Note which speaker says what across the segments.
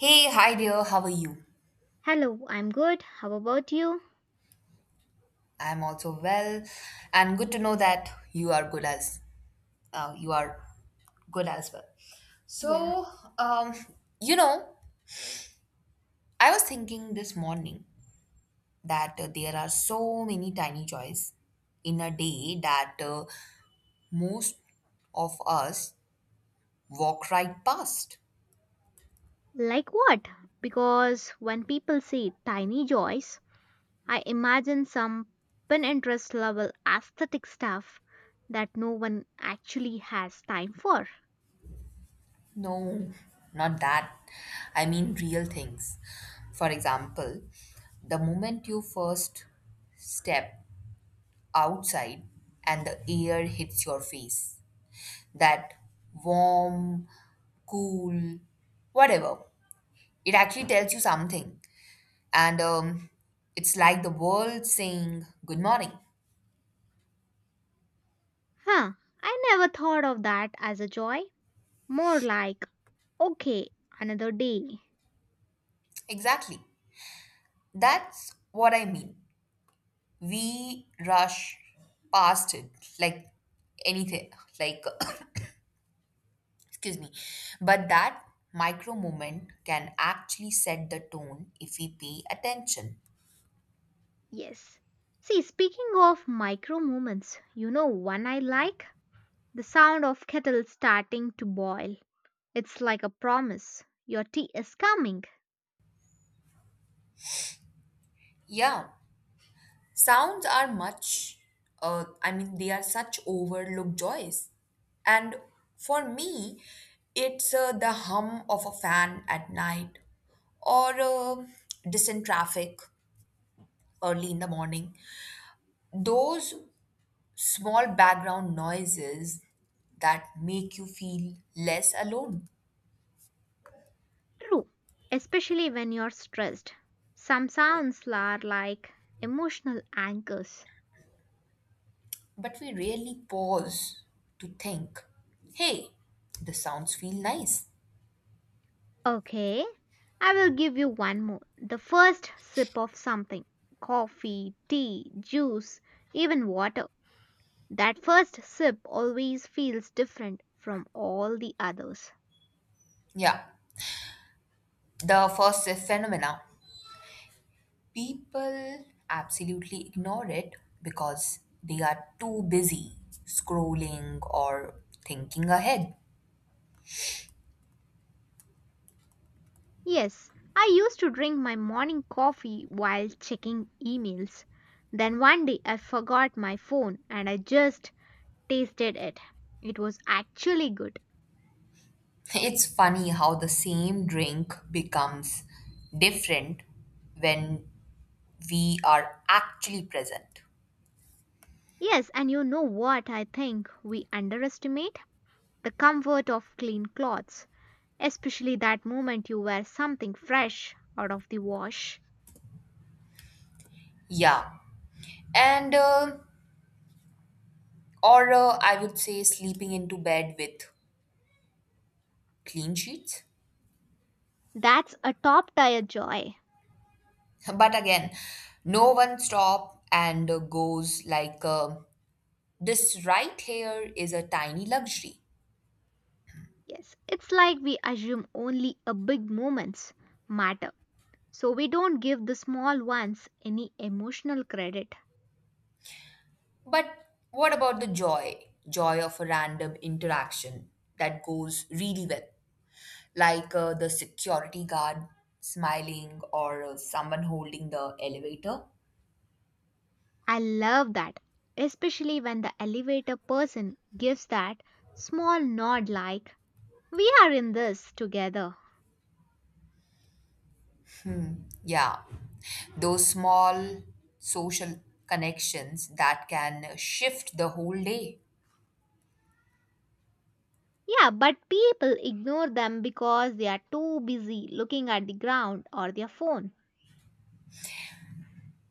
Speaker 1: Hey, hi dear, how are you?
Speaker 2: Hello, I'm good. How about you?
Speaker 1: I'm also well, and good to know that you are good as you are good as well.
Speaker 2: Yeah.
Speaker 1: So, um, you know, I was thinking this morning that there are so many tiny joys in a day that most of us walk right past.
Speaker 2: Like what? Because when people say tiny joys, I imagine some Pinterest level aesthetic stuff that no one actually has time for.
Speaker 1: No, not that. I mean real things. For example, the moment you first step outside and the air hits your face. That warm, cool, whatever. It actually tells you something. And it's like the world saying, "Good morning."
Speaker 2: Huh, I never thought of that as a joy. More like, okay, another day.
Speaker 1: Exactly. That's what I mean. We rush past it like anything, like, excuse me. But that micro moment can actually set the tone if we pay attention.
Speaker 2: Yes. See, speaking of micro moments, you know one I like? The sound of kettle starting to boil. It's like a promise. Your tea is coming.
Speaker 1: Yeah. Sounds are much, I mean, they are such overlooked joys. And for me, it's the hum of a fan at night or distant traffic early in the morning. Those small background noises that make you feel less alone.
Speaker 2: True. Especially when you're stressed. Some sounds are like emotional anchors.
Speaker 1: But we rarely pause to think, hey, the sounds feel nice.
Speaker 2: Okay, I will give you one more. The first sip of something coffee, tea, juice, even water. That first sip always feels different from all the others.
Speaker 1: Yeah, the first phenomena. People absolutely ignore it because they are too busy scrolling or thinking ahead.
Speaker 2: Yes, I used to drink my morning coffee while checking emails. Then one day I forgot my phone and I just tasted it. It was actually good.
Speaker 1: It's funny how the same drink becomes different when we are actually present.
Speaker 2: Yes, and you know what I think we underestimate? The comfort of clean clothes, especially that moment you wear something fresh out of the wash.
Speaker 1: Yeah. And, uh, or I would say sleeping into bed with clean sheets.
Speaker 2: That's a top tier joy.
Speaker 1: But again, no one stop and goes like, "This right here is a tiny luxury."
Speaker 2: Yes, it's like we assume only a big moments matter, so we don't give the small ones any emotional credit.
Speaker 1: But what about the joy? Joy of a random interaction that goes really well, like the security guard smiling or someone holding the elevator.
Speaker 2: I love that, especially when the elevator person gives that small nod like, we are in this together.
Speaker 1: Yeah, those small social connections that can shift the whole day.
Speaker 2: Yeah, but people ignore them because they are too busy looking at the ground or their phone.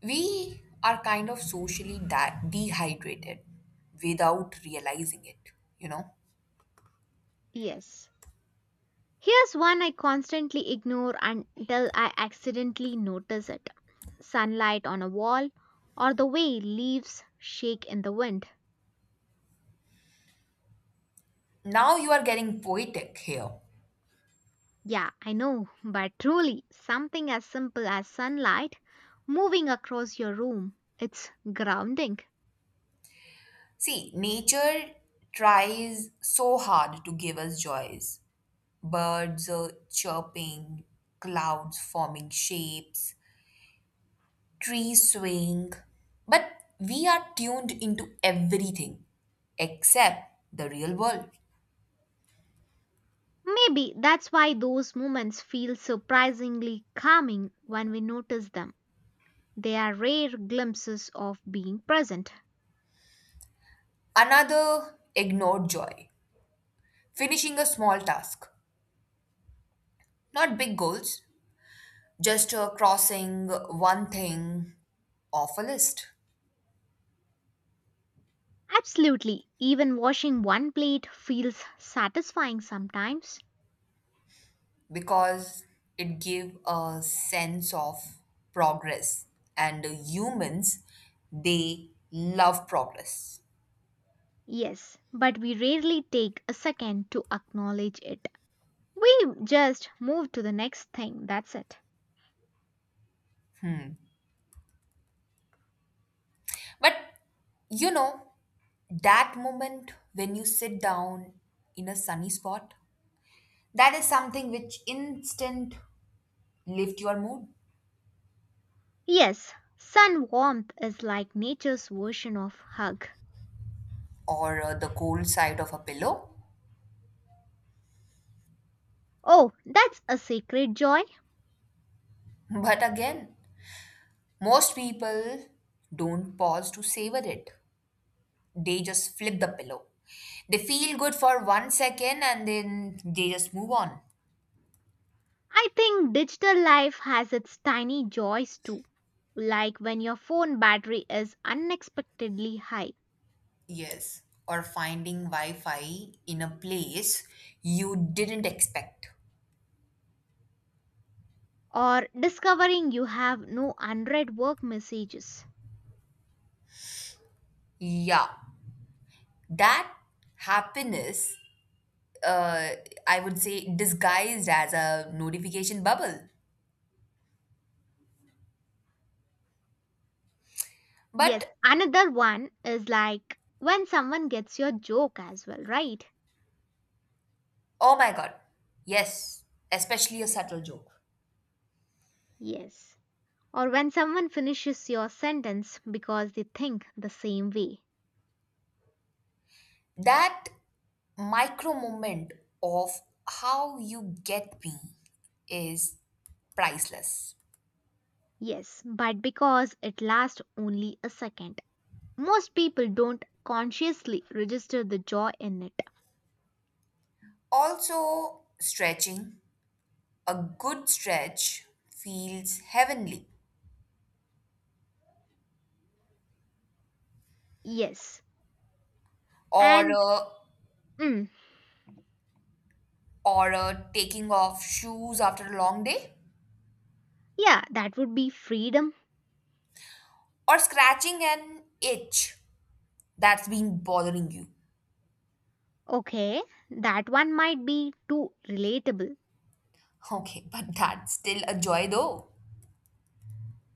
Speaker 1: We are kind of socially that dehydrated without realizing it, you know?
Speaker 2: Yes. Here's one I constantly ignore until I accidentally notice it, sunlight on a wall or the way leaves shake in the wind.
Speaker 1: Now you are getting poetic here.
Speaker 2: Yeah, I know, but truly, something as simple as sunlight moving across your room, it's grounding.
Speaker 1: See, nature tries so hard to give us joys. Birds are chirping, clouds forming shapes, trees swaying. But we are tuned into everything except the real world.
Speaker 2: Maybe that's why those moments feel surprisingly calming when we notice them. They are rare glimpses of being present.
Speaker 1: Another ignored joy. Finishing a small task, not big goals, just crossing one thing off a list.
Speaker 2: Absolutely, even washing one plate feels satisfying sometimes.
Speaker 1: Because it gave a sense of progress, and humans, they love progress.
Speaker 2: Yes, but we rarely take a second to acknowledge it. We just move to the next thing, that's it.
Speaker 1: But you know that moment when you sit down in a sunny spot, that is something which instant lift your mood.
Speaker 2: Yes, sun warmth is like nature's version of hug.
Speaker 1: Or the cold side of a pillow.
Speaker 2: Oh, that's a sacred joy.
Speaker 1: But again, most people don't pause to savor it, they just flip the pillow. They feel good for 1 second and then they just move on.
Speaker 2: I think digital life has its tiny joys too, like when your phone battery is unexpectedly high
Speaker 1: Yes, or finding Wi Fi in a place you didn't expect.
Speaker 2: or discovering you have no unread work messages.
Speaker 1: Yeah, that happiness, uh, I would say, disguised as a notification bubble.
Speaker 2: Yes,
Speaker 1: But
Speaker 2: another one is like when someone gets your joke as well, right?
Speaker 1: oh my god, yes, especially a subtle joke.
Speaker 2: Yes. Or when someone finishes your sentence because they think the same way.
Speaker 1: That micro moment of "how you get me" is priceless.
Speaker 2: Yes, but because it lasts only a second. Most people don't consciously register the joy in it.
Speaker 1: Also, stretching, a good stretch feels heavenly.
Speaker 2: Yes.
Speaker 1: Or
Speaker 2: And
Speaker 1: a,
Speaker 2: mm,
Speaker 1: or a taking off shoes after a long day.
Speaker 2: yeah, that would be freedom.
Speaker 1: Or scratching an itch that's been bothering you.
Speaker 2: Okay, that one might be too relatable.
Speaker 1: Okay, but that's still a joy though.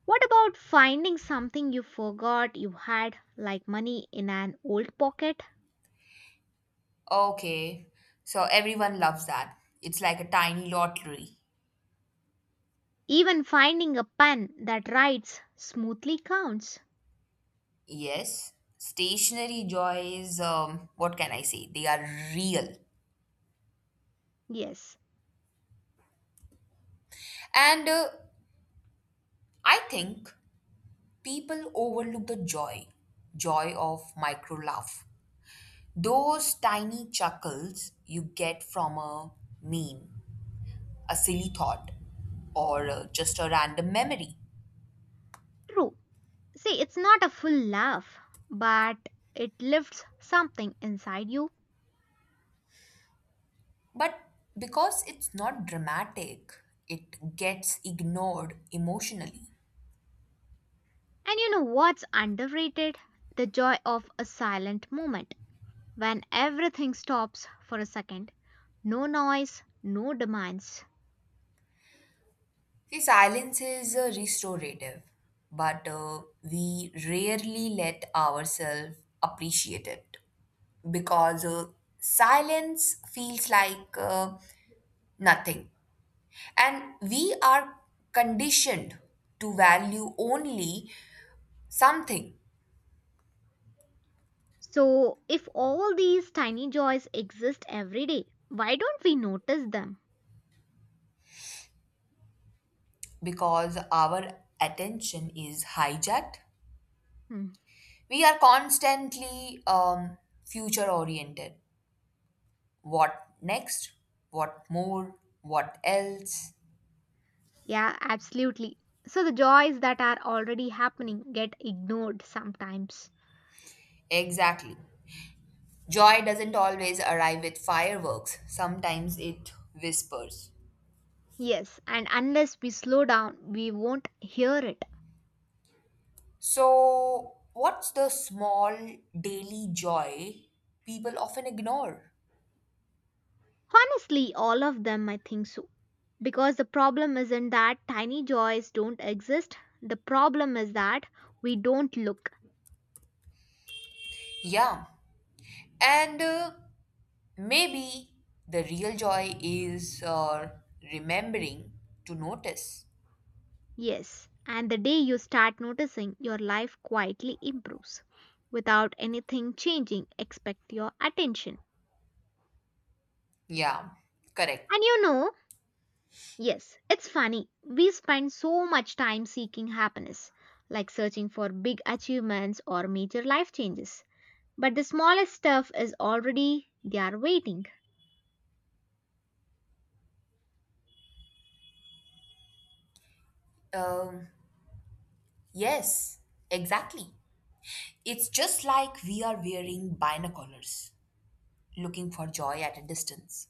Speaker 2: What about finding something you forgot you had, like money in an old pocket?
Speaker 1: Okay, so everyone loves that. It's like a tiny lottery.
Speaker 2: Even finding a pen that writes smoothly counts.
Speaker 1: Yes, stationary joys, what can I say? They are real.
Speaker 2: Yes,
Speaker 1: And I think people overlook the joy of micro laugh. Those tiny chuckles you get from a meme, a silly thought, or just a random memory.
Speaker 2: true. See, it's not a full laugh, but it lifts something inside you.
Speaker 1: But because it's not dramatic, it gets ignored emotionally.
Speaker 2: And you know what's underrated? The joy of a silent moment when everything stops for a second. No noise, no demands.
Speaker 1: See, silence is restorative, but we rarely let ourselves appreciate it, because silence feels like nothing. And we are conditioned to value only something,
Speaker 2: So, if all these tiny joys exist every day, why don't we notice them?
Speaker 1: because our attention is hijacked.
Speaker 2: Hmm.
Speaker 1: We are constantly future oriented. What next? What more? What else?
Speaker 2: Yeah, absolutely. So, the joys that are already happening get ignored sometimes.
Speaker 1: Exactly. Joy doesn't always arrive with fireworks, sometimes it whispers.
Speaker 2: Yes, and unless we slow down, we won't hear it.
Speaker 1: So, what's the small daily joy people often ignore?
Speaker 2: Honestly, all of them, I think so. Because the problem isn't that tiny joys don't exist, the problem is that we don't look.
Speaker 1: Yeah. And maybe the real joy is remembering to notice.
Speaker 2: Yes, and the day you start noticing, your life quietly improves without anything changing expect your attention.
Speaker 1: Yeah, correct.
Speaker 2: And you know, yes, it's funny. We spend so much time seeking happiness, like searching for big achievements or major life changes. But the smallest stuff is already there waiting.
Speaker 1: Um, yes, exactly. It's just like we are wearing binoculars, looking for joy at a distance.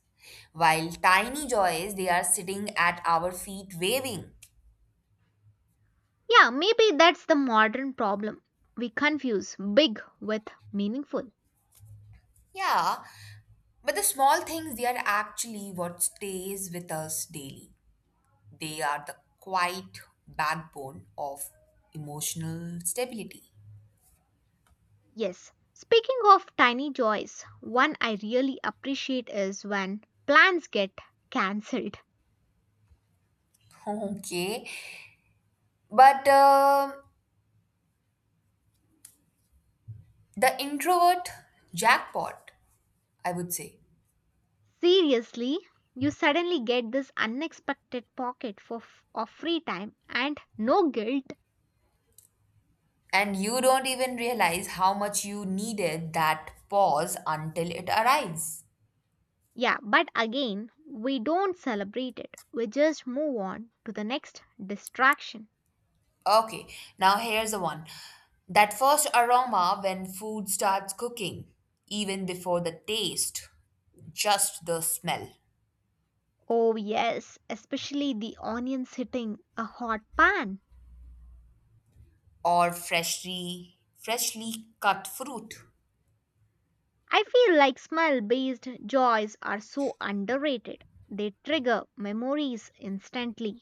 Speaker 1: While tiny joys, they are sitting at our feet waving.
Speaker 2: Yeah, maybe that's the modern problem. We confuse big with meaningful.
Speaker 1: Yeah, but the small things, they are actually what stays with us daily. They are the quiet backbone of emotional stability.
Speaker 2: Yes. Speaking of tiny joys, one I really appreciate is when plans get cancelled.
Speaker 1: Okay, but the introvert jackpot, I would say.
Speaker 2: Seriously, you suddenly get this unexpected pocket for of free time and no guilt.
Speaker 1: And you don't even realize how much you needed that pause until it arrives.
Speaker 2: Yeah, but again, we don't celebrate it. We just move on to the next distraction.
Speaker 1: Okay, now here's the one. That first aroma when food starts cooking, even before the taste, just the smell,
Speaker 2: Oh, yes, especially the onions hitting a hot pan.
Speaker 1: or freshly cut fruit,
Speaker 2: I feel like smell based joys are so underrated. They trigger memories instantly.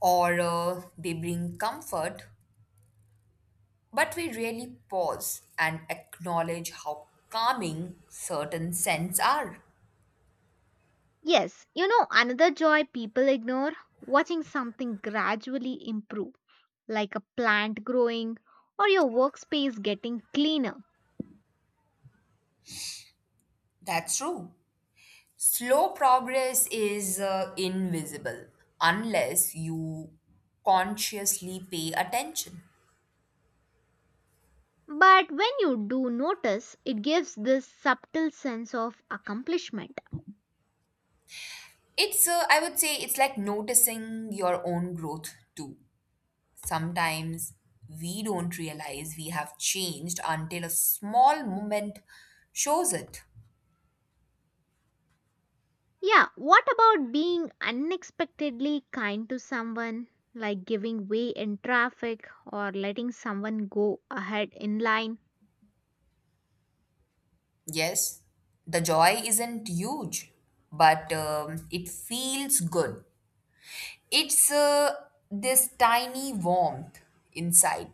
Speaker 1: or they bring comfort, but we really pause and acknowledge how calming certain scents are.
Speaker 2: Yes, you know, another joy people ignore, watching something gradually improve, like a plant growing or your workspace getting cleaner.
Speaker 1: That's true. Slow progress is invisible unless you consciously pay attention.
Speaker 2: But when you do notice, it gives this subtle sense of accomplishment.
Speaker 1: It's, I would say, it's like noticing your own growth too. Sometimes we don't realize we have changed until a small moment shows it.
Speaker 2: Yeah, what about being unexpectedly kind to someone, like giving way in traffic or letting someone go ahead in line?
Speaker 1: Yes, the joy isn't huge, but it feels good. It's this tiny warmth inside,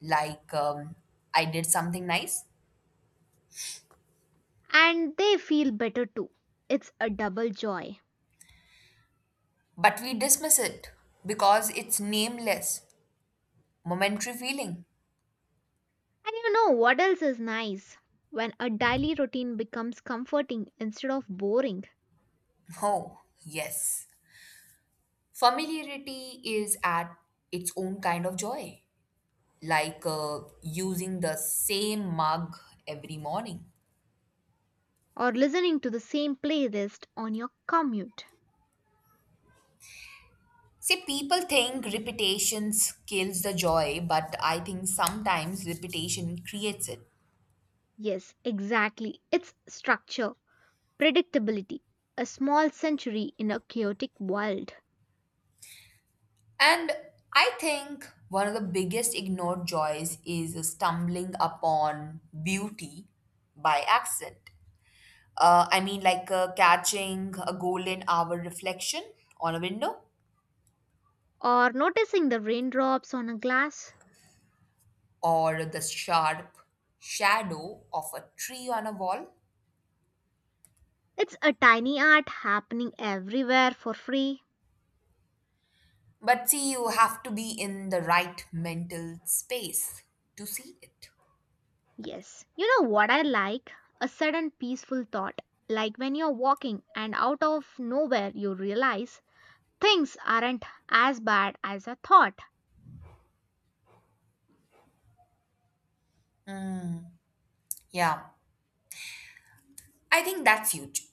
Speaker 1: like, I did something nice,
Speaker 2: And they feel better too. It's a double joy.
Speaker 1: but we dismiss it because it's nameless, momentary feeling.
Speaker 2: And you know what else is nice? When a daily routine becomes comforting instead of boring,
Speaker 1: Oh, yes. Familiarity is at its own kind of joy, like using the same mug every morning.
Speaker 2: or listening to the same playlist on your commute.
Speaker 1: See, people think repetition kills the joy, but I think sometimes repetition creates it.
Speaker 2: Yes, exactly. It's structure, predictability, a small century in a chaotic world.
Speaker 1: And I think one of the biggest ignored joys is stumbling upon beauty by accident. I mean, like catching a golden hour reflection on a window,
Speaker 2: Or noticing the raindrops on a glass.
Speaker 1: or the sharp shadow of a tree on a wall.
Speaker 2: It's a tiny art happening everywhere for free.
Speaker 1: But see, you have to be in the right mental space to see it.
Speaker 2: Yes, you know what I like? A sudden peaceful thought, like when you're walking and out of nowhere you realize things aren't as bad as I thought.
Speaker 1: Yeah, I think that's huge.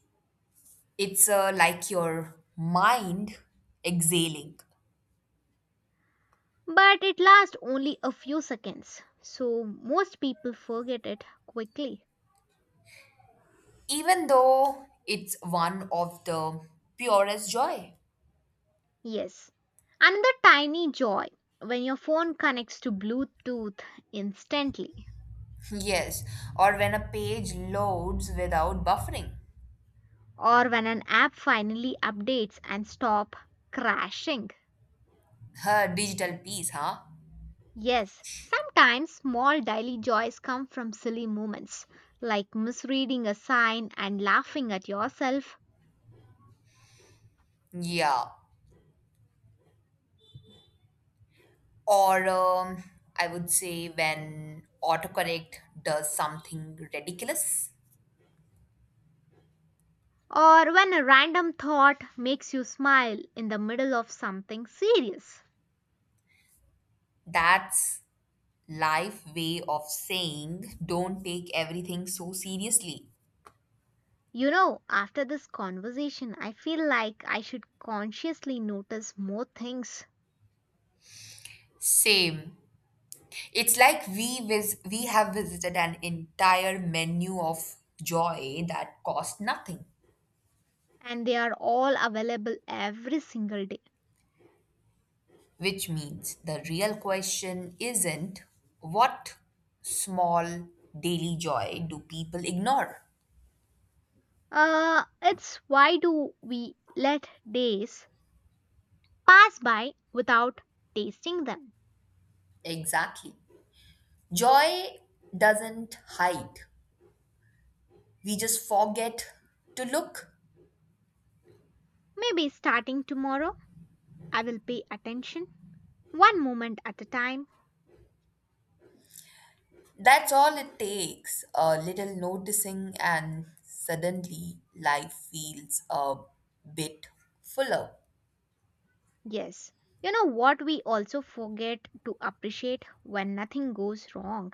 Speaker 1: It's like your mind exhaling,
Speaker 2: But it lasts only a few seconds, so most people forget it quickly.
Speaker 1: even though it's one of the purest joy.
Speaker 2: Yes, another tiny joy when your phone connects to Bluetooth instantly.
Speaker 1: Yes, or when a page loads without buffering.
Speaker 2: Or when an app finally updates and stop crashing.
Speaker 1: Huh, digital piece, huh?
Speaker 2: Yes, sometimes small daily joys come from silly moments like misreading a sign and laughing at yourself,
Speaker 1: Yeah. Or I would say when autocorrect does something ridiculous.
Speaker 2: or when a random thought makes you smile in the middle of something serious.
Speaker 1: That's life way of saying, don't take everything so seriously.
Speaker 2: You know, after this conversation, I feel like I should consciously notice more things,
Speaker 1: Same. It's like we have visited an entire menu of joy that cost nothing,
Speaker 2: and they are all available every single day.
Speaker 1: which means the real question isn't, what small daily joy do people ignore?
Speaker 2: It's why do we let days pass by without tasting them?
Speaker 1: Exactly. Joy doesn't hide. We just forget to look.
Speaker 2: Maybe starting tomorrow, I will pay attention one moment at a time.
Speaker 1: That's all it takes. A little noticing, and suddenly life feels a bit fuller.
Speaker 2: Yes, you know what we also forget to appreciate when nothing goes wrong.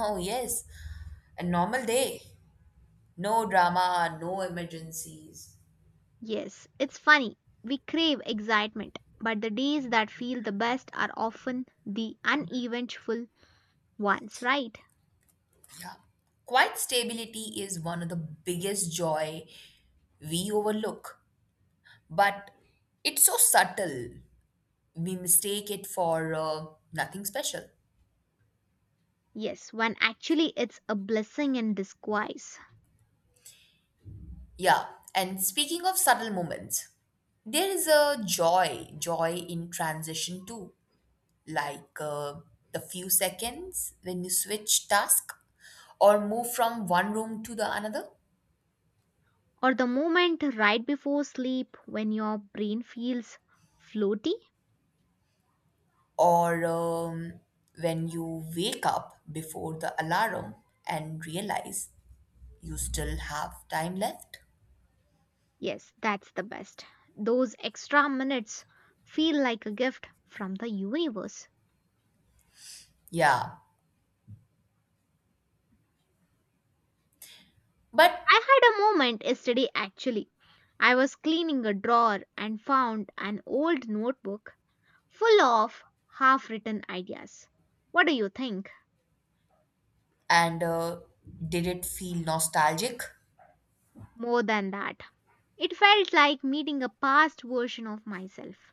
Speaker 1: Oh, yes. A normal day. No drama, no emergencies.
Speaker 2: Yes, it's funny. We crave excitement, but the days that feel the best are often the uneventful ones, right?
Speaker 1: Quiet stability is one of the biggest joy we overlook, but it's so subtle. We mistake it for nothing special.
Speaker 2: Yes, when actually it's a blessing in disguise.
Speaker 1: Yeah, and speaking of subtle moments, there is a joy in transition too, like the few seconds when you switch task or move from one room to the another,
Speaker 2: Or the moment right before sleep when your brain feels floaty.
Speaker 1: or when you wake up before the alarm and realize you still have time left.
Speaker 2: Yes, that's the best. Those extra minutes feel like a gift from the universe.
Speaker 1: Yeah,
Speaker 2: I
Speaker 1: but
Speaker 2: had a moment yesterday actually. I was cleaning a drawer and found an old notebook full of half written ideas. What do you think?
Speaker 1: and did it feel nostalgic?
Speaker 2: More than that, it felt like meeting a past version of myself.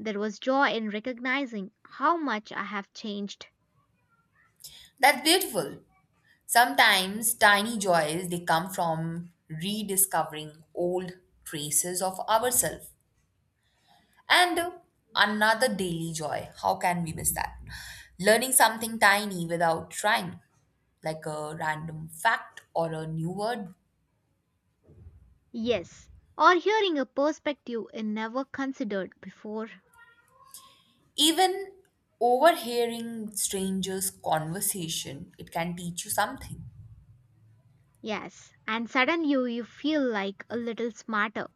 Speaker 2: There was joy in recognizing how much I have changed.
Speaker 1: That's beautiful. Sometimes tiny joys they come from rediscovering old traces of ourselves. And another daily joy, how can we miss that? Learning something tiny without trying, like a random fact or a new word.
Speaker 2: Yes. Or hearing a perspective I never considered before.
Speaker 1: Even overhearing strangers' conversation, it can teach you something.
Speaker 2: Yes. And suddenly you feel like a little smarter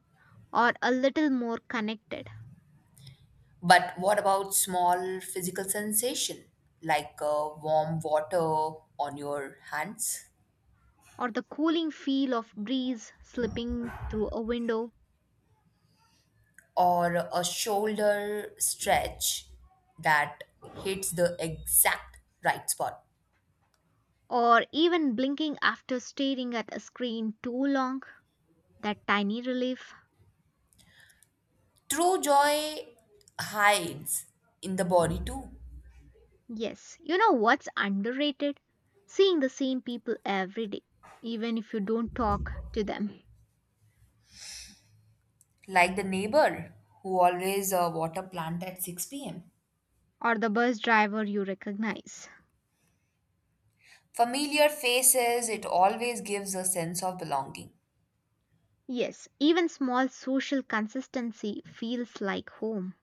Speaker 2: or a little more connected.
Speaker 1: But what about small physical sensation, like warm water on your hands,
Speaker 2: Or the cooling feel of breeze slipping through a window.
Speaker 1: or a shoulder stretch that hits the exact right spot?
Speaker 2: Or even blinking after staring at a screen too long. That tiny relief.
Speaker 1: True joy hides in the body too.
Speaker 2: Yes, you know what's underrated? Seeing the same people every day, even if you don't talk to them,
Speaker 1: Like the neighbor who always water plant at 6 p.m.
Speaker 2: or the bus driver you recognize.
Speaker 1: Familiar faces, it always gives a sense of belonging.
Speaker 2: Yes, even small social consistency feels like home.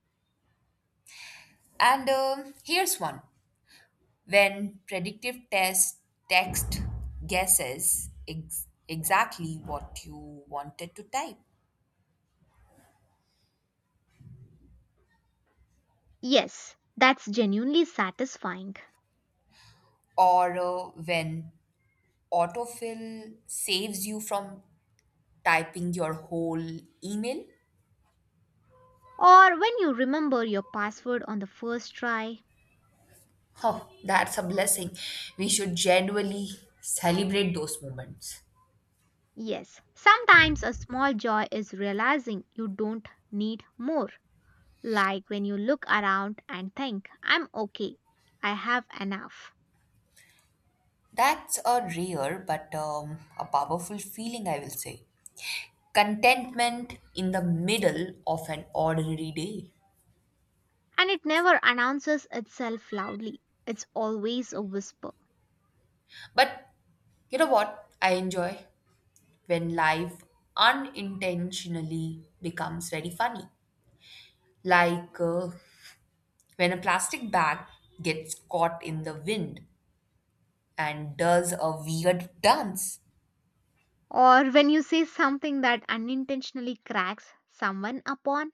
Speaker 1: And here's one, when predictive test text guesses exactly what you wanted to type,
Speaker 2: Yes, that's genuinely satisfying.
Speaker 1: or when autofill saves you from typing your whole email.
Speaker 2: Or when you remember your password on the first try.
Speaker 1: Oh, that's a blessing. We should genuinely celebrate those moments.
Speaker 2: Yes, sometimes a small joy is realizing you don't need more. Like when you look around and think, I'm okay, I have enough.
Speaker 1: That's a rare but a powerful feeling, I will say. Contentment in the middle of an ordinary day.
Speaker 2: And it never announces itself loudly. It's always a whisper.
Speaker 1: But you know what? I enjoy when life unintentionally becomes very funny. Like when a plastic bag gets caught in the wind and does a weird dance.
Speaker 2: Or when you say something that unintentionally cracks someone upon,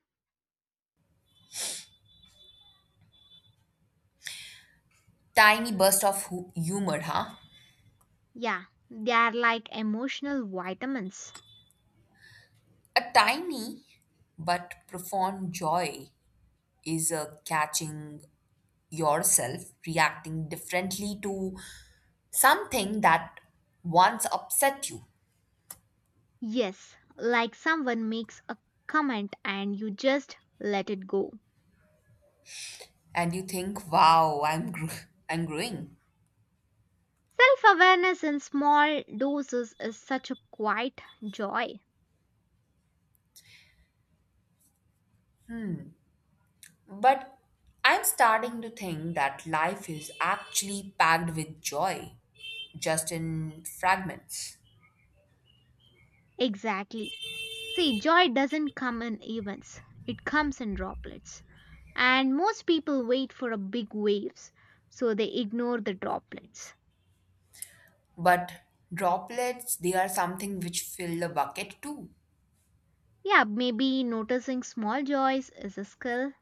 Speaker 1: Tiny burst of humor, huh?
Speaker 2: yeah, they are like emotional vitamins.
Speaker 1: A tiny but profound joy is a catching yourself reacting differently to something that once upset you,
Speaker 2: Yes, like someone makes a comment and you just let it go.
Speaker 1: and you think, wow, I'm growing.
Speaker 2: Self awareness in small doses is such a quiet joy.
Speaker 1: But I'm starting to think that life is actually packed with joy, just in fragments.
Speaker 2: Exactly. See, joy doesn't come in events, it comes in droplets. And most people wait for a big waves, so they ignore the droplets.
Speaker 1: But droplets they are something which fill the bucket too.
Speaker 2: Yeah, maybe noticing small joys is a skill.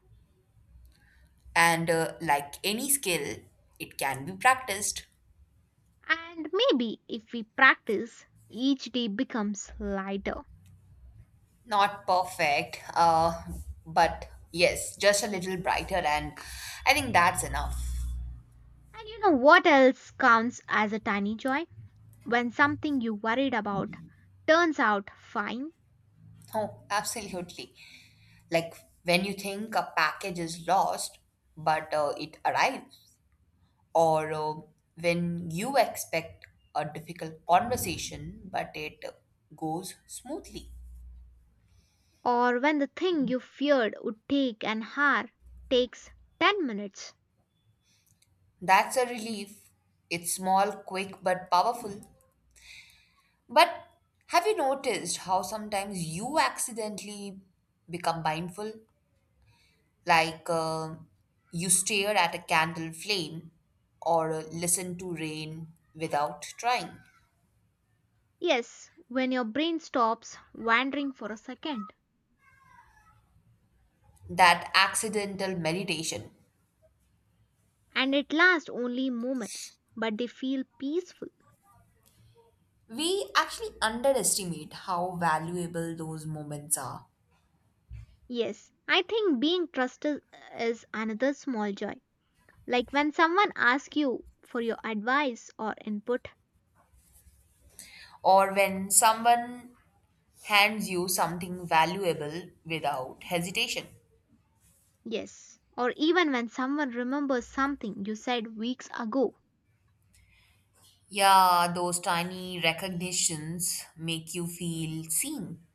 Speaker 1: And like any skill, it can be practiced.
Speaker 2: And maybe if we practice, each day becomes lighter.
Speaker 1: Not perfect, but yes, just a little brighter, and I think that's enough.
Speaker 2: And you know what else counts as a tiny joy? When something you worried about turns out fine,
Speaker 1: Oh, absolutely. Like when you think a package is lost, but it arrives, or when you expect a difficult conversation, but it goes smoothly.
Speaker 2: or when the thing you feared would take an hour takes 10 minutes.
Speaker 1: That's a relief. It's small, quick, but powerful. But have you noticed how sometimes you accidentally become mindful, like you stare at a candle flame or listen to rain without trying.
Speaker 2: Yes, when your brain stops wandering for a second
Speaker 1: That accidental meditation.
Speaker 2: and it lasts only moments, but they feel peaceful.
Speaker 1: We actually underestimate how valuable those moments are.
Speaker 2: Yes, I think being trusted is another small joy. Like when someone asks you for your advice or input,
Speaker 1: Or when someone hands you something valuable without hesitation.
Speaker 2: yes, or even when someone remembers something you said weeks ago,
Speaker 1: Yeah, those tiny recognitions make you feel seen.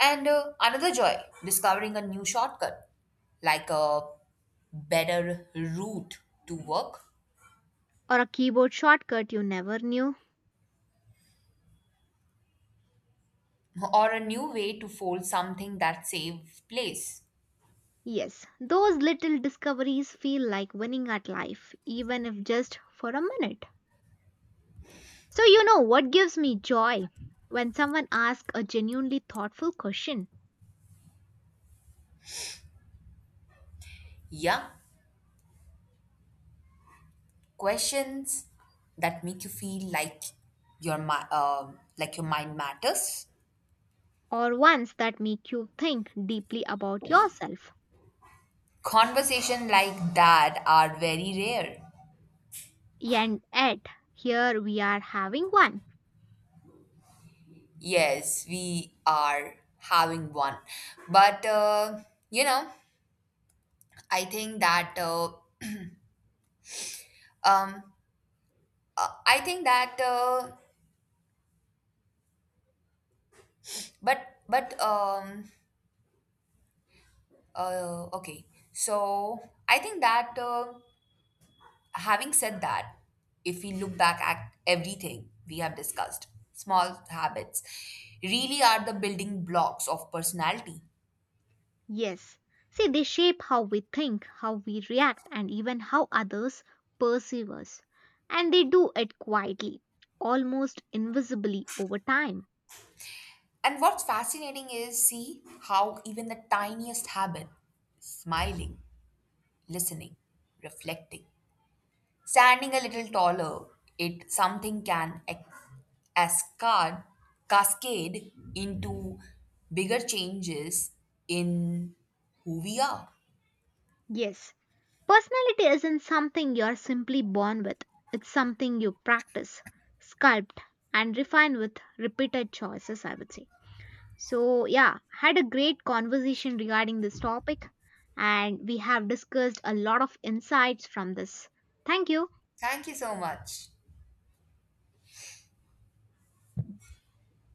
Speaker 1: And another joy, discovering a new shortcut, like a better route to work,
Speaker 2: or a keyboard shortcut you never knew.
Speaker 1: or a new way to fold something that saves place.
Speaker 2: Yes, those little discoveries feel like winning at life, even if just for a minute. So, you know what gives me joy? When someone asks a genuinely thoughtful question
Speaker 1: Yeah, questions that make you feel like like your mind matters.
Speaker 2: or ones that make you think deeply about yourself.
Speaker 1: Conversation like that are very rare.
Speaker 2: And yet, here we are having one.
Speaker 1: Yes, we are having one. But, you know, I think that uh, um, Uh, I think that, uh, but but um, okay. So I think that, having said that, if we look back at everything we have discussed, small habits really are the building blocks of personality.
Speaker 2: Yes. See, they shape how we think, how we react, and even how others perceive us. And they do it quietly, almost invisibly over time.
Speaker 1: And what's fascinating is, see how even the tiniest habit, smiling, listening, reflecting, standing a little taller, it something can ascad- cascade into bigger changes in who we are.
Speaker 2: Yes. Personality isn't something you're simply born with, it's something you practice, sculpt, and refine with repeated choices, I would say. So, yeah, had a great conversation regarding this topic, and we have discussed a lot of insights from this. Thank you.
Speaker 1: Thank you so much.